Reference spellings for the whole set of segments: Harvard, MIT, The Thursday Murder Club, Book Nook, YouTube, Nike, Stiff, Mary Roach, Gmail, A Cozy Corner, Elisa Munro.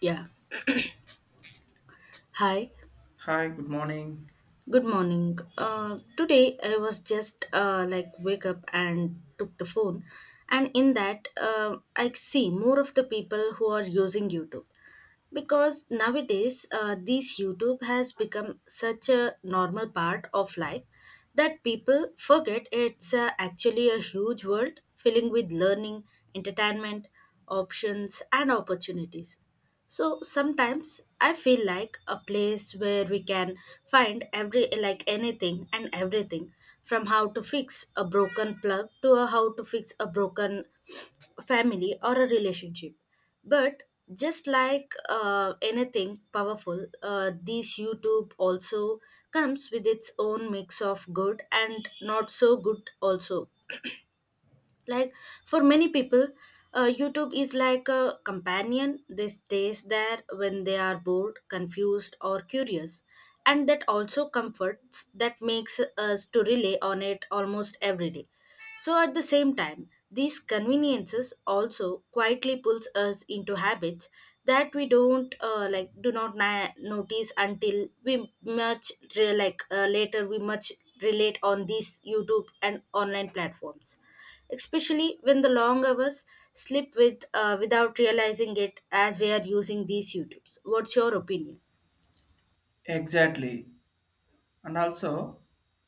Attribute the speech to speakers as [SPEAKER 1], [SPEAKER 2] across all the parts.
[SPEAKER 1] Yeah. Hi.
[SPEAKER 2] Hi, good morning.
[SPEAKER 1] Good morning. Today I was just like wake up and took the phone, and in that I see more of the people who are using YouTube because nowadays this YouTube has become such a normal part of life that people forget it's actually a huge world filling with learning, entertainment, options, and opportunities. So sometimes I feel like a place where we can find every, like, anything and everything from how to fix a broken plug to a how to fix a broken family or a relationship. But just like anything powerful, this YouTube also comes with its own mix of good and not so good also, like, for many people youtube is like a companion, they stays there when they are bored, confused, or curious, and that also comforts, that makes us to rely on it almost every day. So at the same time, these conveniences also quietly pulls us into habits that we don't, like, do not notice until we much, later, we much relate on these YouTube and online platforms, especially when the long hours slip without realizing it as we are using these YouTubes. What's your opinion?
[SPEAKER 2] Exactly. And also,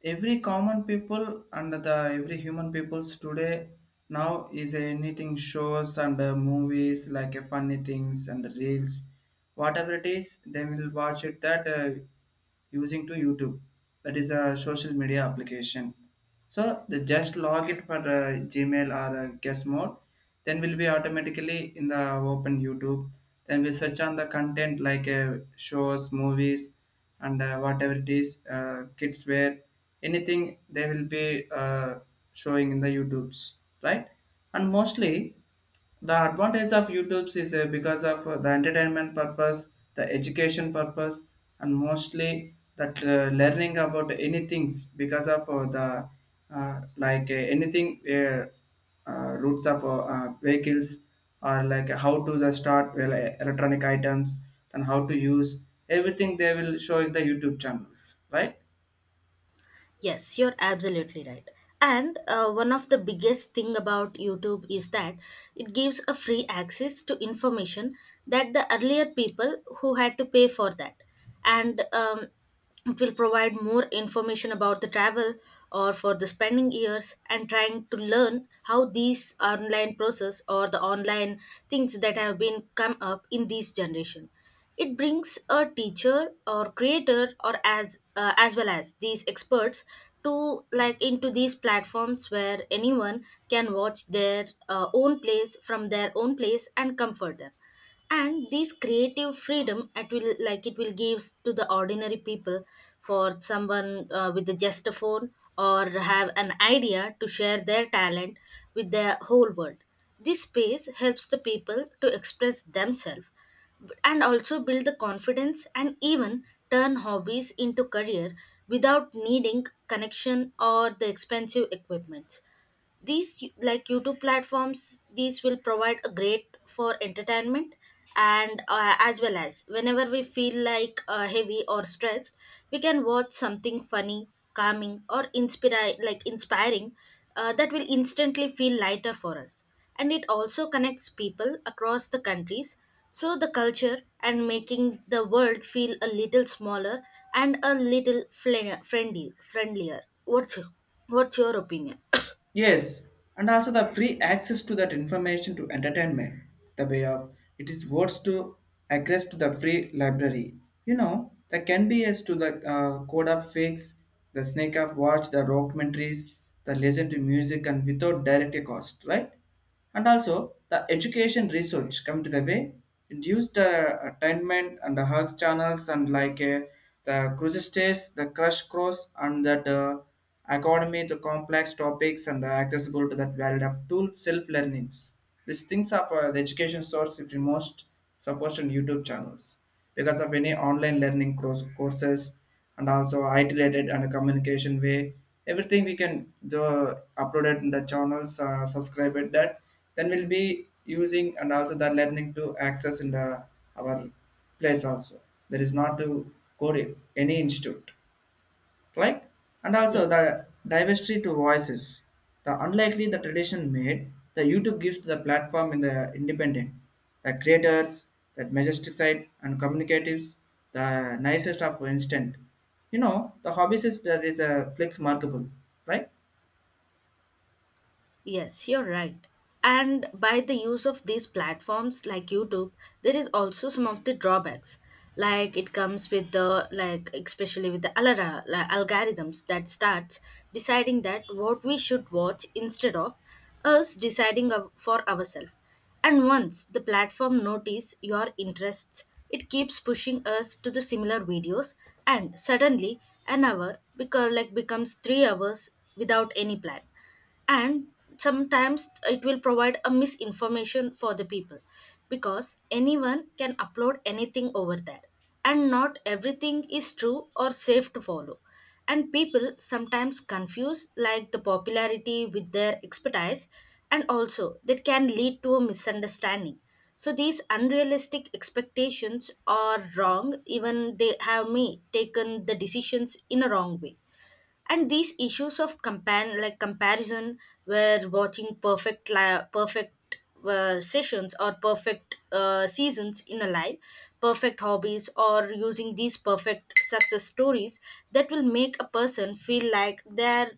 [SPEAKER 2] every common people and the every human peoples today now is a knitting shows and movies like funny things and reels, whatever it is, they will watch it that using to YouTube. That is a social media application. So they just log it for Gmail or guest mode. Then we'll be automatically in the open YouTube. Then we search on the content like shows, movies, and whatever it is, kids wear, anything they will be showing in the YouTubes, right? And mostly the advantage of YouTube's is because of the entertainment purpose, the education purpose, and mostly that learning about any things because of the anything routes of vehicles, or like how to the start well, electronic items and how to use everything they will show in the youtube channels, right?
[SPEAKER 1] Yes, you're absolutely right. And one of the biggest thing about YouTube is that it gives a free access to information that the earlier people who had to pay for that. And it will provide more information about the travel or for the spending years and trying to learn how these online process or the online things that have been come up in this generation. It brings a teacher or creator or as well as these experts to, like, into these platforms where anyone can watch their own place from their own place and comfort them. And this creative freedom, it will, like, it will gives to the ordinary people, for someone with just a phone or have an idea to share their talent with the whole world. This space helps the people to express themselves, and also build the confidence and even turn hobbies into career without needing connection or the expensive equipment. These, like, youtube platforms, these will provide a great for entertainment, and as well as whenever we feel like heavy or stressed, we can watch something funny, calming, or inspire like inspiring, that will instantly feel lighter for us. And it also connects people across the countries, so the culture and making the world feel a little smaller and a little flen- friendly friendlier. What's your opinion?
[SPEAKER 2] Yes, and also the free access to that information to entertainment, the way of it is words to access to the free library. You know, that can be as to the code of fix, the snake of watch, the documentaries, the listen to music, and without direct cost, right? And also the education research come to the way it used the attainment and the hugs channels and like the cruise, the crush cross and that academy, the complex topics and accessible to that world of tool self learnings. These things are for the education source if you most supposed on youtube channels because of any online learning course, courses, and also IT related and communication way. Everything we can do upload it in the channels, subscribe it that. Then we'll be using and also the learning to access in the our place also. There is not to go to any institute, right? And also
[SPEAKER 1] yes
[SPEAKER 2] the diversity to voices. The unlikely the tradition made, the YouTube gives to the platform in the independent, the creators, that majestic side and communicatives, the nicest of instant. You know, the hobbies is that is a flex markable, right?
[SPEAKER 1] Yes, you're right. And by the use of these platforms like YouTube, there is also some of the drawbacks. Like, it comes with the, like, especially with the alara like algorithms that starts deciding that what we should watch instead of us deciding for ourselves. And once the platform notice your interests, it keeps pushing us to the similar videos, and suddenly an hour because, like, becomes 3 hours without any plan. And sometimes it will provide a misinformation for the people because anyone can upload anything over there, and not everything is true or safe to follow. And people sometimes confuse, like, the popularity with their expertise, and also that can lead to a misunderstanding. So these unrealistic expectations are wrong, even they have me taken the decisions in a wrong way. And these issues of compan like comparison, where watching perfect sessions or perfect seasons in a life, perfect hobbies or using these perfect success stories, that will make a person feel like they're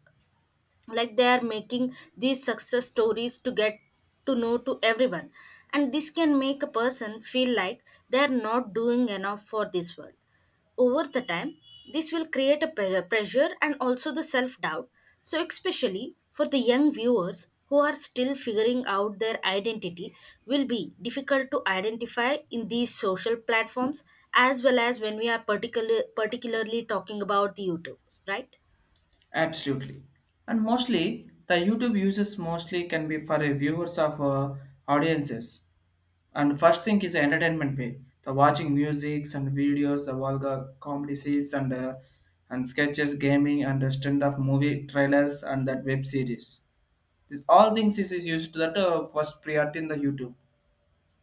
[SPEAKER 1] like they are making these success stories to get to know to everyone. And this can make a person feel like they are not doing enough for this world. Over the time, this will create a pressure and also the self doubt. So especially for the young viewers who are still figuring out their identity, will be difficult to identify in these social platforms, as well as when we are particularly talking about the youtube, right?
[SPEAKER 2] Absolutely. And mostly the YouTube users mostly can be for a viewers of audiences. And first thing is entertainment way. The watching musics and videos, the vulgar comedy series and and sketches, gaming and the strength of movie trailers and that web series. This all things is used that first priority in the YouTube.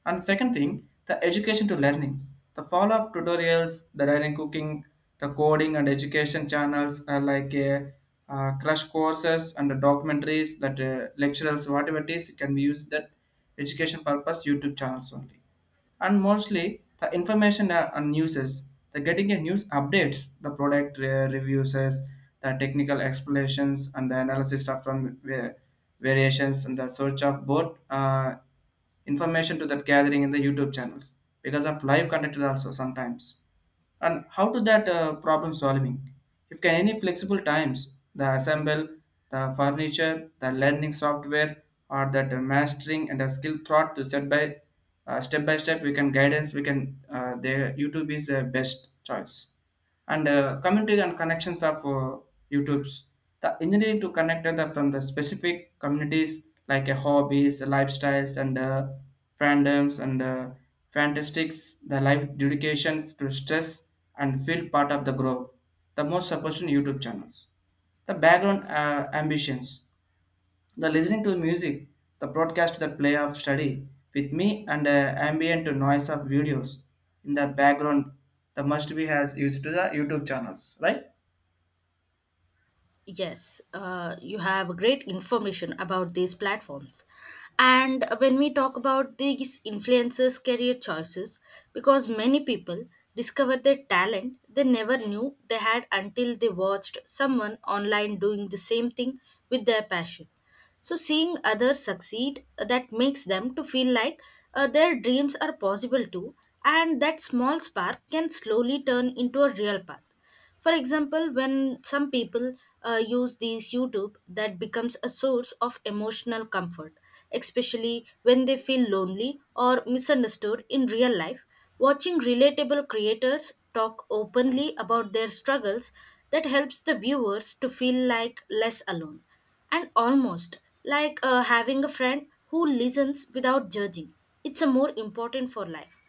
[SPEAKER 2] And second thing, the education to learning. The fall of tutorials, the learning cooking, the coding and education channels are like a crush courses and the documentaries that lecturers whatever it is can be used that education purpose YouTube channels only. And mostly the information and uses, the getting a news updates, the product reviews, the technical explanations and the analysis stuff from variations, and the search of both information to that gathering in the YouTube channels because of live content also sometimes. And how to that problem solving? If can any flexible times, the assemble, the furniture, the learning software, or that mastering and the skill thought to set by step by step, we can guidance. We can the YouTube is a best choice. And community and connections of YouTube's, the engineering to connect the from the specific communities like a hobbies, lifestyles, and fandoms and fantastics, the life dedications to stress and feel part of the growth. The most supported YouTube channels, the background ambitions. The listening to music, the broadcast the play of study with me and ambient noise of videos in the background, the must be has used to the YouTube channels, right?
[SPEAKER 1] Yes, you have great information about these platforms. And when we talk about these influencers' career choices, because many people discover their talent they never knew they had until they watched someone online doing the same thing with their passion. So seeing others succeed, that makes them to feel like their dreams are possible too, and that small spark can slowly turn into a real path. For example, when some people use these YouTube, that becomes a source of emotional comfort, especially when they feel lonely or misunderstood in real life. Watching relatable creators talk openly about their struggles, that helps the viewers to feel like less alone and almost like having a friend who listens without judging. It's a more important for life.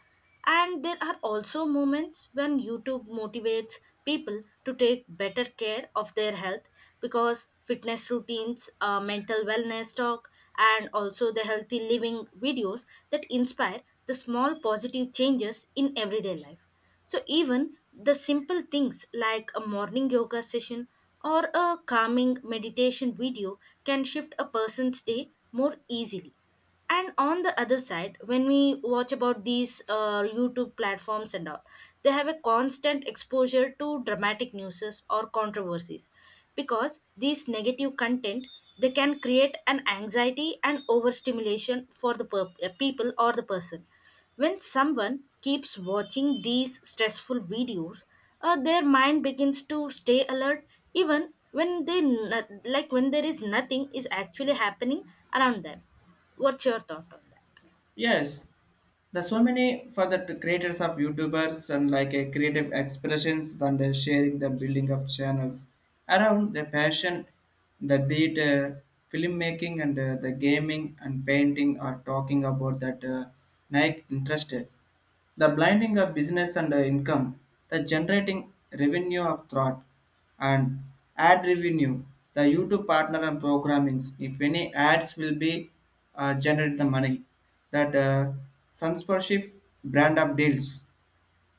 [SPEAKER 1] And there are also moments when YouTube motivates people to take better care of their health, because fitness routines, mental wellness talk, and also the healthy living videos that inspire the small positive changes in everyday life. So, even the simple things like a morning yoga session or a calming meditation video can shift a person's day more easily. And on the other side, when we watch about these youtube platforms and all, they have a constant exposure to dramatic newses or controversies, because these negative content, they can create an anxiety and overstimulation for the people or the person. When someone keeps watching these stressful videos, their mind begins to stay alert even when they like when there is nothing is actually happening around them. What's your thought on that?
[SPEAKER 2] Yes. There's so many for the creators of YouTubers and like a creative expressions and sharing the building of channels around their passion, the beat, filmmaking and the gaming and painting are talking about that Nike interested, the blending of business and the income, the generating revenue of thought and ad revenue, the YouTube partner and programmings, if any ads will be generate the money, that sponsorship brand of deals,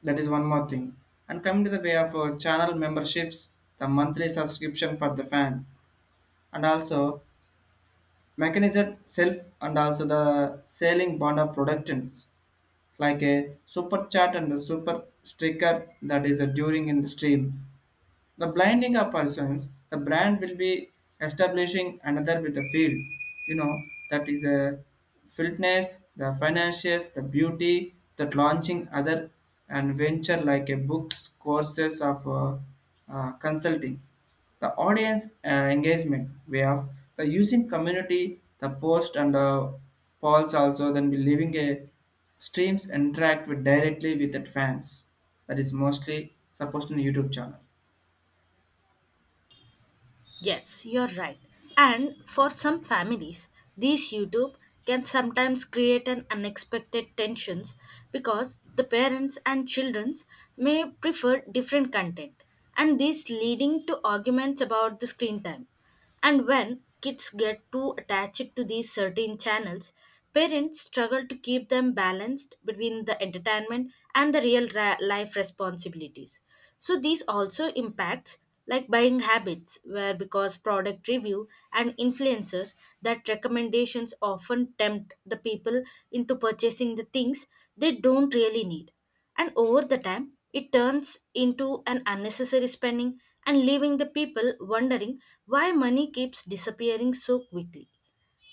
[SPEAKER 2] that is one more thing. And coming to the way of channel memberships, the monthly subscription for the fan, and also mechanism self and also the selling bond of productions like a super chat and a super sticker that is during in the stream, the blinding of persons, the brand will be establishing another with the field. You know, that is a fitness, the financials, the beauty, that launching other and venture like a books, courses of consulting. The audience engagement way of the using community, the post and polls also then be leaving a streams interact with directly with the fans. That is mostly supposed in YouTube channel.
[SPEAKER 1] Yes, you're right. And for some families, these YouTube can sometimes create an unexpected tensions because the parents and childrens may prefer different content, and this leading to arguments about the screen time. And when kids get too attached to these certain channels, parents struggle to keep them balanced between the entertainment and the real life responsibilities. So these also impacts, like, buying habits where, because product review and influencers, that recommendations often tempt the people into purchasing the things they don't really need, and over the time, it turns into an unnecessary spending and leaving the people wondering why money keeps disappearing so quickly.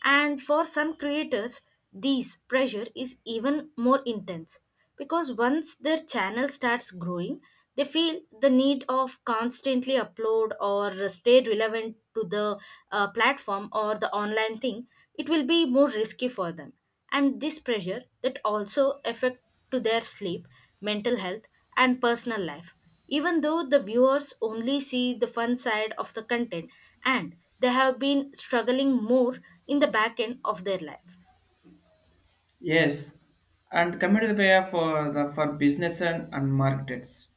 [SPEAKER 1] And for some creators, this pressure is even more intense because once their channel starts growing, they feel the need of constantly upload or stay relevant to the platform or the online thing. It will be more risky for them, and this pressure that also affect to their sleep, mental health, and personal life, even though the viewers only see the fun side of the content and they have been struggling more in the back end of their life.
[SPEAKER 2] Yes, and coming to the way of the for business and markets.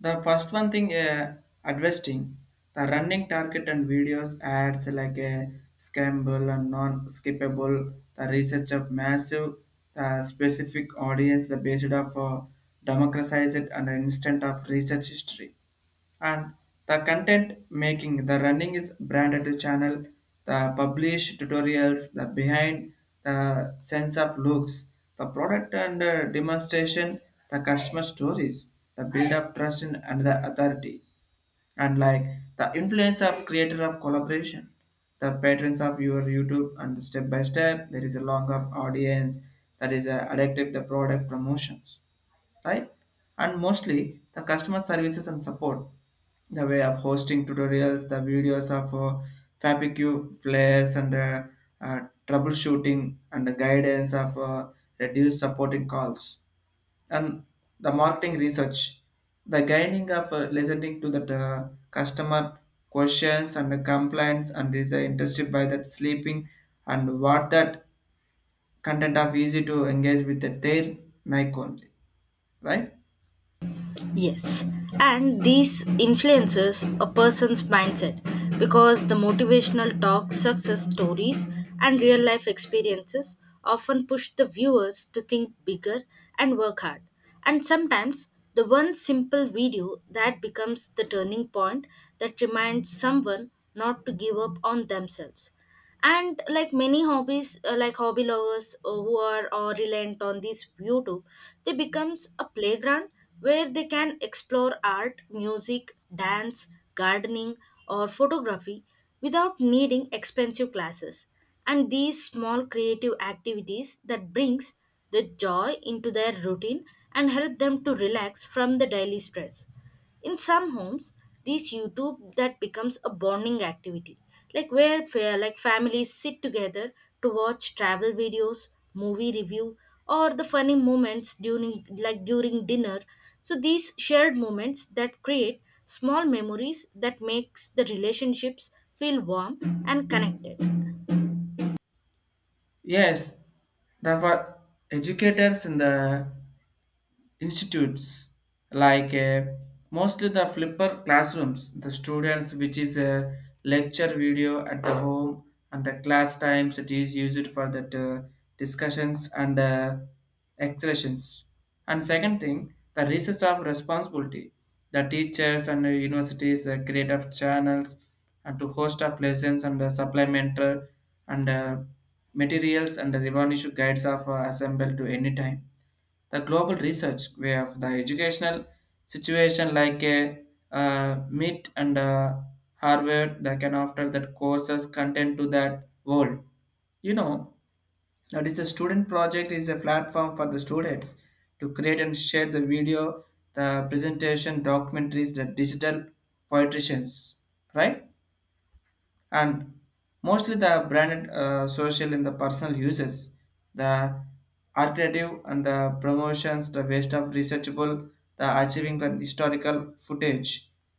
[SPEAKER 2] The first one thing adjusting the running target and videos ads like a scamble and non-skippable. The research of massive the specific audience the based of democratized and instant of research history, and the content making the running is branded channel, the published tutorials, the behind the sense of looks, the product and demonstration, the customer stories, the build of trust in and the authority, and like the influence of creator of collaboration, the patterns of your youtube and the step by step there is a long of audience that is addictive the product promotions, right? And mostly the customer services and support, the way of hosting tutorials, the videos of FAPQ flares and the uh, troubleshooting and the guidance of reduced supporting calls, and the marketing research, the guiding of listening to the customer questions and the complaints and is interested by that sleeping and what that content of easy to engage with the their mic only, right?
[SPEAKER 1] Yes, and these influences a person's mindset because the motivational talk, success stories, and real life experiences often push the viewers to think bigger and work hard. And sometimes the one simple video that becomes the turning point that reminds someone not to give up on themselves. And like many hobbies, like hobby lovers, who are or reliant on this youtube, they becomes a playground where they can explore art, music, dance, gardening, or photography without needing expensive classes. And these small creative activities that brings the joy into their routine and help them to relax from the daily stress. In some homes, these YouTube that becomes a bonding activity, like where like families sit together to watch travel videos, movie review, or the funny moments during dinner. So these shared moments that create small memories that makes the relationships feel warm and connected.
[SPEAKER 2] Yes, the for educators in the institutes like mostly the flipper classrooms the students which is a lecture video at the home and the class times it is used for that discussions and expressions. And second thing, the research of responsibility, the teachers and the universities create of channels and to host of lessons and the supplementary and materials and the revenue guides of assemble to any time, the global research where the educational situation like a MIT and Harvard that can offer that courses content to that world. You know, that is a student project is a platform for the students to create and share the video, the presentation, documentaries, the digital poeticians, right? And mostly the branded social in the personal uses, the alternative and the promotions, the waste of researchable, the achieving the historical footage,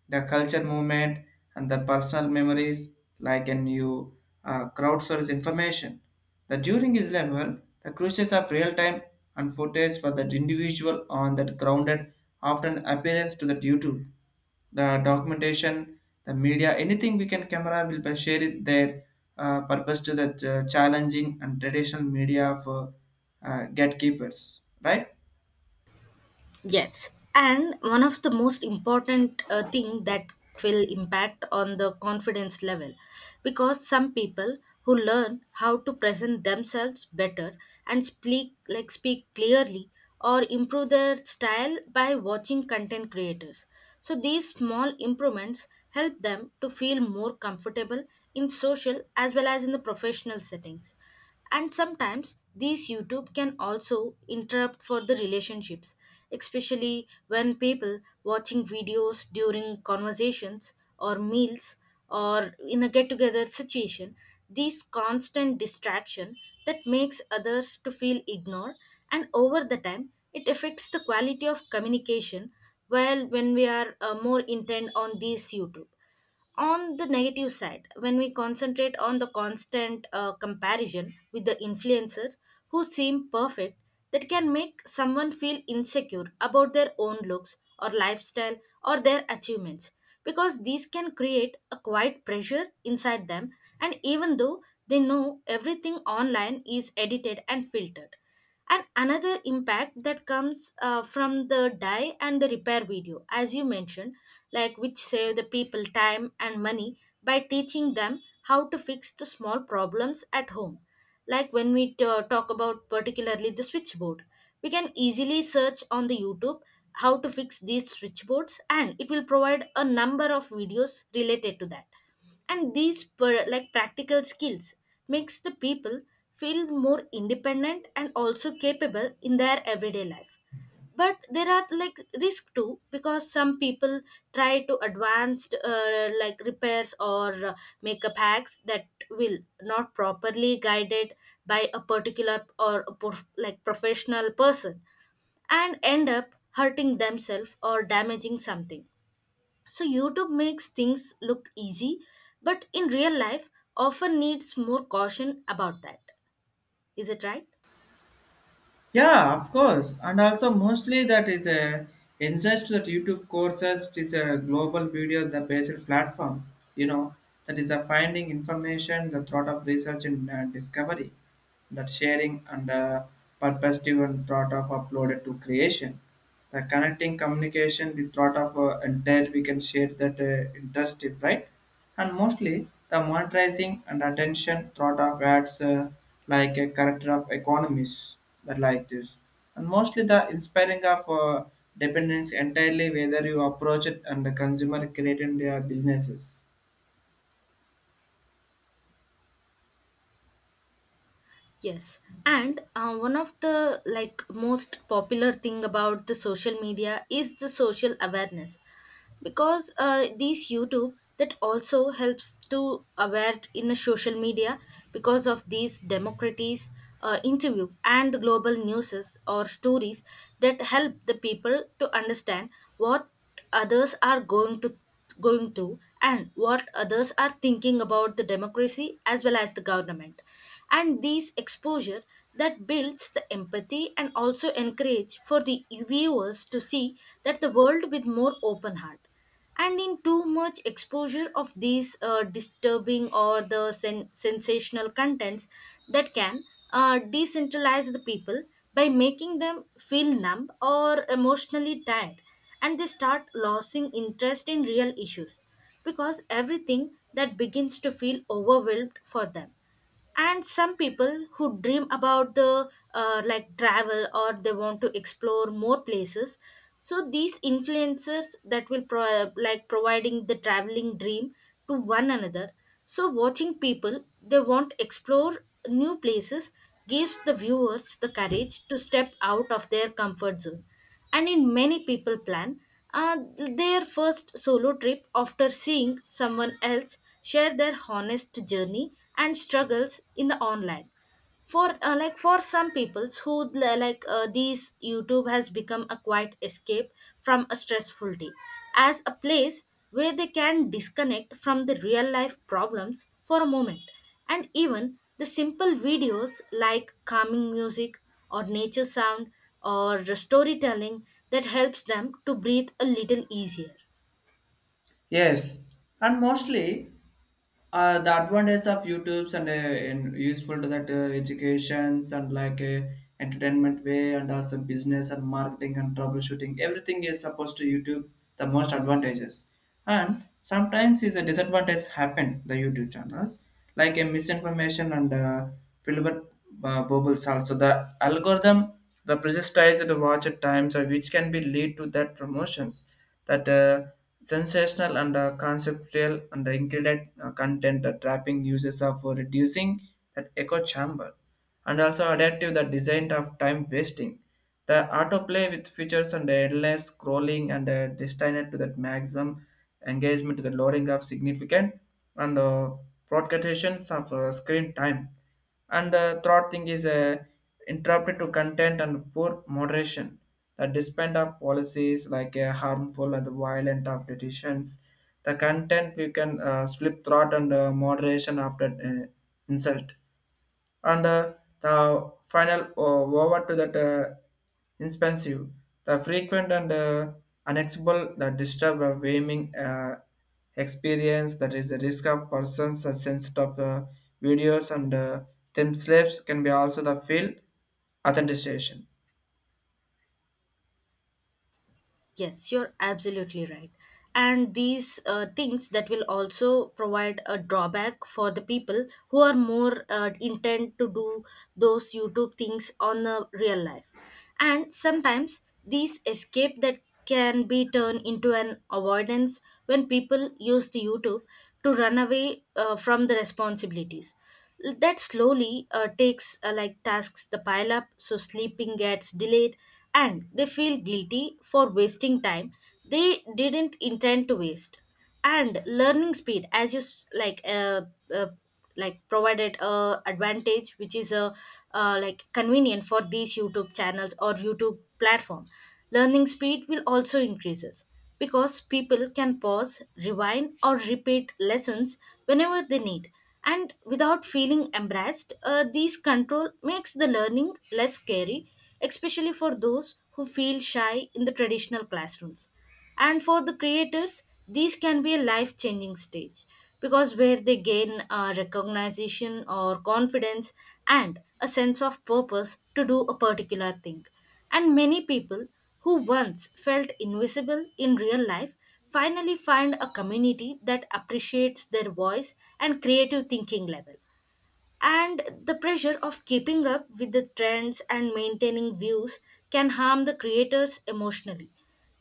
[SPEAKER 2] the culture movement, and the personal memories like a new crowdsource information, the during is level, the crucials of real time and footage for that individual on that grounded often appearance to that youtube, the documentation, the media, anything we can camera will be share it their purpose to the challenging and traditional media for gatekeepers, right?
[SPEAKER 1] Yes, and one of the most important thing that will impact on the confidence level, because some people who learn how to present themselves better and speak clearly or improve their style by watching content creators. So these small improvements help them to feel more comfortable in social as well as in the professional settings. And sometimes these YouTube can also interrupt for the relationships, especially when people watching videos during conversations or meals or in a get together situation. These constant distraction that makes others to feel ignored, and over the time it affects the quality of communication. Well, when we are more intent on these YouTube, on the negative side, when we concentrate on the constant comparison with the influencers who seem perfect, that can make someone feel insecure about their own looks or lifestyle or their achievements, because these can create a quiet pressure inside them, and even though they know everything online is edited and filtered. And another impact that comes from the dye and the repair video as you mentioned, like which save the people time and money by teaching them how to fix the small problems at home. Like when we talk about particularly the switchboard, we can easily search on the YouTube how to fix these switchboards, and it will provide a number of videos related to that. And like practical skills makes the people feel more independent and also capable in their everyday life. But there are like risk too, because some people try to advanced like repairs or makeup hacks that will not properly guided by a particular or a like professional person, and end up hurting themselves or damaging something. So, YouTube makes things look easy, but in real life, often needs more caution about that. Is it right?
[SPEAKER 2] Yeah, of course. And also mostly that is a insist that YouTube courses it is a global video the basic platform, you know, that is a finding information, the thought of research and discovery, that sharing and perspective and thought of uploaded to creation. The connecting communication, the thought of entire we can share that interest, right? And mostly the monetizing and attention thought of ads like a character of economies that like this, and mostly the inspiring of dependence entirely whether you approach it and the consumer created their businesses.
[SPEAKER 1] Yes, and one of the like most popular thing about the social media is the social awareness, because these YouTube that also helps to aware in a social media, because of these democracies, interview and the global newses or stories that help the people to understand what others are going to, going to, and what others are thinking about the democracy as well as the government. And these exposure that builds the empathy and also encourage for the viewers to see that the world with more open heart. And in too much exposure of these disturbing or the sensational contents, that can decentralize the people by making them feel numb or emotionally tired, and they start losing interest in real issues, because everything that begins to feel overwhelmed for them. And some people who dream about the like travel, or they want to explore more places, so these influencers that will like providing the traveling dream to one another. So watching people they want explore new places gives the viewers the courage to step out of their comfort zone. And in many people plan their first solo trip after seeing someone else share their honest journey and struggles in the online. For like for some peoples who like these YouTube has become a quiet escape from a stressful day, as a place where they can disconnect from the real life problems for a moment. And even the simple videos like calming music or nature sound or storytelling that helps them to breathe a little easier.
[SPEAKER 2] Yes, and mostly the advantage of YouTube's and useful to that educations and like entertainment way and also business and marketing and troubleshooting everything is supposed to YouTube, the most advantages. And sometimes is a disadvantage happen the YouTube channels like a misinformation and filibert bubbles, also the algorithm, the pressurized watch at times which can be lead to that promotions that sensational and conceptual and the ingredient content trapping uses are for reducing that echo chamber, and also adaptive the design of time wasting, the autoplay with features and endless scrolling and destined to that maximum engagement to the loading of significant and broadcastations of screen time. And the third thing is interrupted to content and poor moderation, the despite of policies like harmful and violent of decisions, the content we can slip throat and moderation after insult, and the final over to that inexpensive, the frequent and unacceptable, the disturb of aiming experience that is the risk of persons that sensitive of the videos, and themselves can be also the field authentication.
[SPEAKER 1] Yes, you're absolutely right. And these things that will also provide a drawback for the people who are more intent to do those YouTube things on the real life. And sometimes these escape that can be turned into an avoidance when people use the YouTube to run away from the responsibilities. That slowly takes like tasks the pile up, so sleeping gets delayed, and they feel guilty for wasting time they didn't intend to waste. And learning speed, as you uh, like provided a advantage which is a like convenient for these YouTube channels or YouTube platform. Learning speed will also increases, because people can pause, rewind, or repeat lessons whenever they need. And without feeling embarrassed, these control makes the learning less scary, especially for those who feel shy in the traditional classrooms. And for the creators, these can be a life changing stage, because where they gain recognition or confidence and a sense of purpose to do a particular thing. And many people who once felt invisible in real life finally find a community that appreciates their voice and creative thinking level. And the pressure of keeping up with the trends and maintaining views can harm the creators emotionally,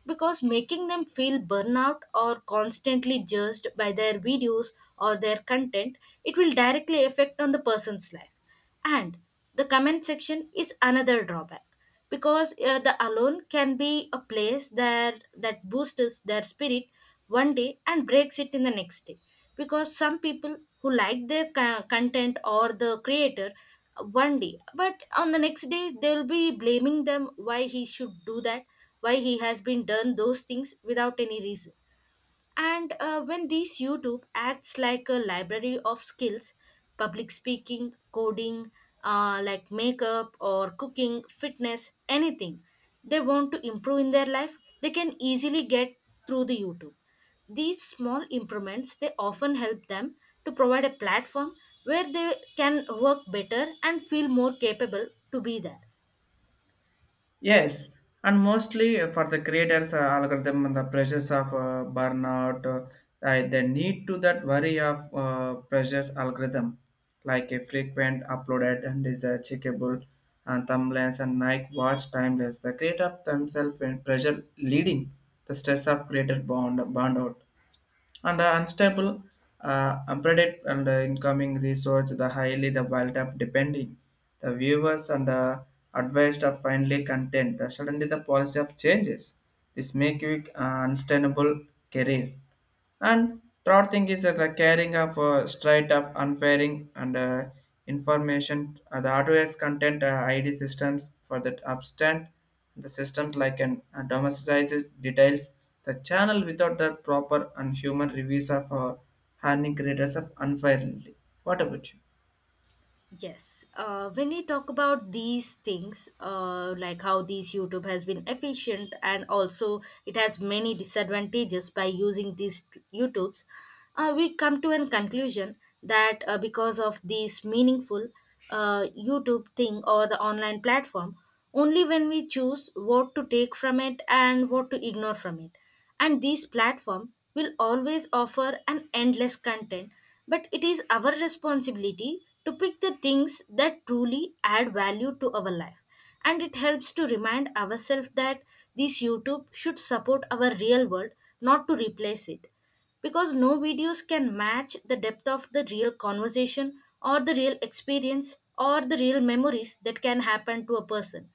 [SPEAKER 1] because making them feel burnout or constantly judged by their videos or their content, it will directly affect on the person's life. And the comment section is another drawback, because the alone can be a place there that boosts their spirit one day and breaks it in the next day, because some people who like their content or the creator one day, but on the next day they'll be blaming them why he should do that, why he has been done those things without any reason. And when these YouTube acts like a library of skills, public speaking, coding, like makeup or cooking, fitness, anything they want to improve in their life, they can easily get through the YouTube. These small improvements they often help them to provide a platform where they can work better and feel more capable to be there.
[SPEAKER 2] Yes, and mostly for the creators algorithm and the pressures of burnout, they need to that worry of pressures algorithm, like a frequent uploaded and is checkable and thumbnails and night watch timeless. The creator of themselves and pressure leading the stress of creator bond burnout and unstable, unpredictable and incoming research, the highly the wild of depending. The viewers and advised are finally content. The, suddenly the policy of changes. This make you unsustainable career. And third thing is that the carrying of straight of unfairing and information, the hardware's content ID systems for that upstand the systems like an domesticized details, the channel without the proper and human reviews of harming creators of unfairly. What about you?
[SPEAKER 1] Yes. When we talk about these things, like how these YouTube has been efficient and also it has many disadvantages by using these YouTubes, we come to a conclusion that because of this meaningful YouTube thing or the online platform, only when we choose what to take from it and what to ignore from it. And this platform will always offer an endless content, but it is our responsibility to pick the things that truly add value to our life. And it helps to remind ourselves that this YouTube should support our real world, not to replace it. Because no videos can match the depth of the real conversation or the real experience or the real memories that can happen to a person.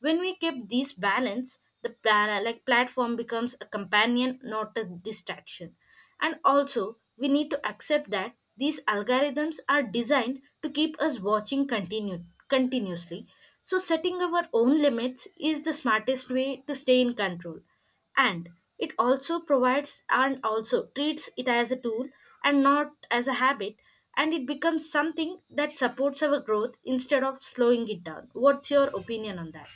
[SPEAKER 1] When we keep these balance, the like platform becomes a companion, not a distraction. And also, we need to accept that these algorithms are designed to keep us watching continuously. So setting our own limits is the smartest way to stay in control, and it also provides and also treats it as a tool and not as a habit, and it becomes something that supports our growth instead of slowing it down. What's your opinion on that?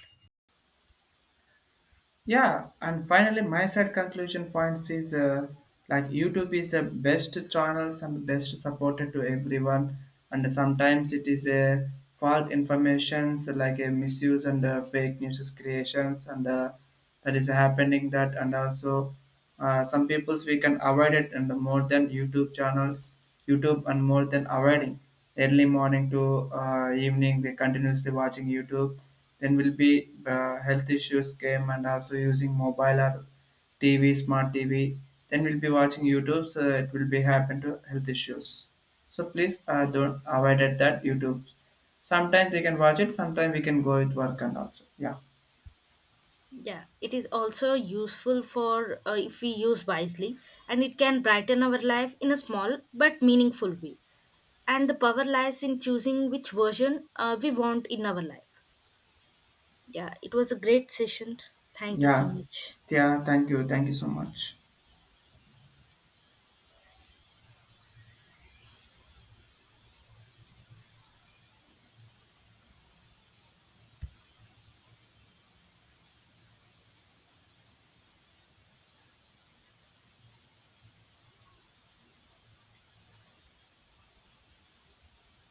[SPEAKER 2] Yeah, and finally, my side conclusion points is like YouTube is the best channels and best supported to everyone, and sometimes it is a false informations like a misuse and fake news creations and that is happening that, and also some peoples we can avoid it, and more than YouTube channels, YouTube and more than avoiding early morning to evening we continuously watching YouTube, then will be health issues came and also using mobile or TV, smart TV. Then we'll be watching YouTube, so it will be happen to health issues. So please don't avoid at that YouTube. Sometimes we can watch it, sometimes we can go with work and also. Yeah.
[SPEAKER 1] Yeah, it is also useful for if we use wisely, and it can brighten our life in a small but meaningful way, and the power lies in choosing which version we want in our life. Yeah, it was a great session. Thank you so
[SPEAKER 2] Yeah.
[SPEAKER 1] much.
[SPEAKER 2] Yeah. Thank you. Thank you so much.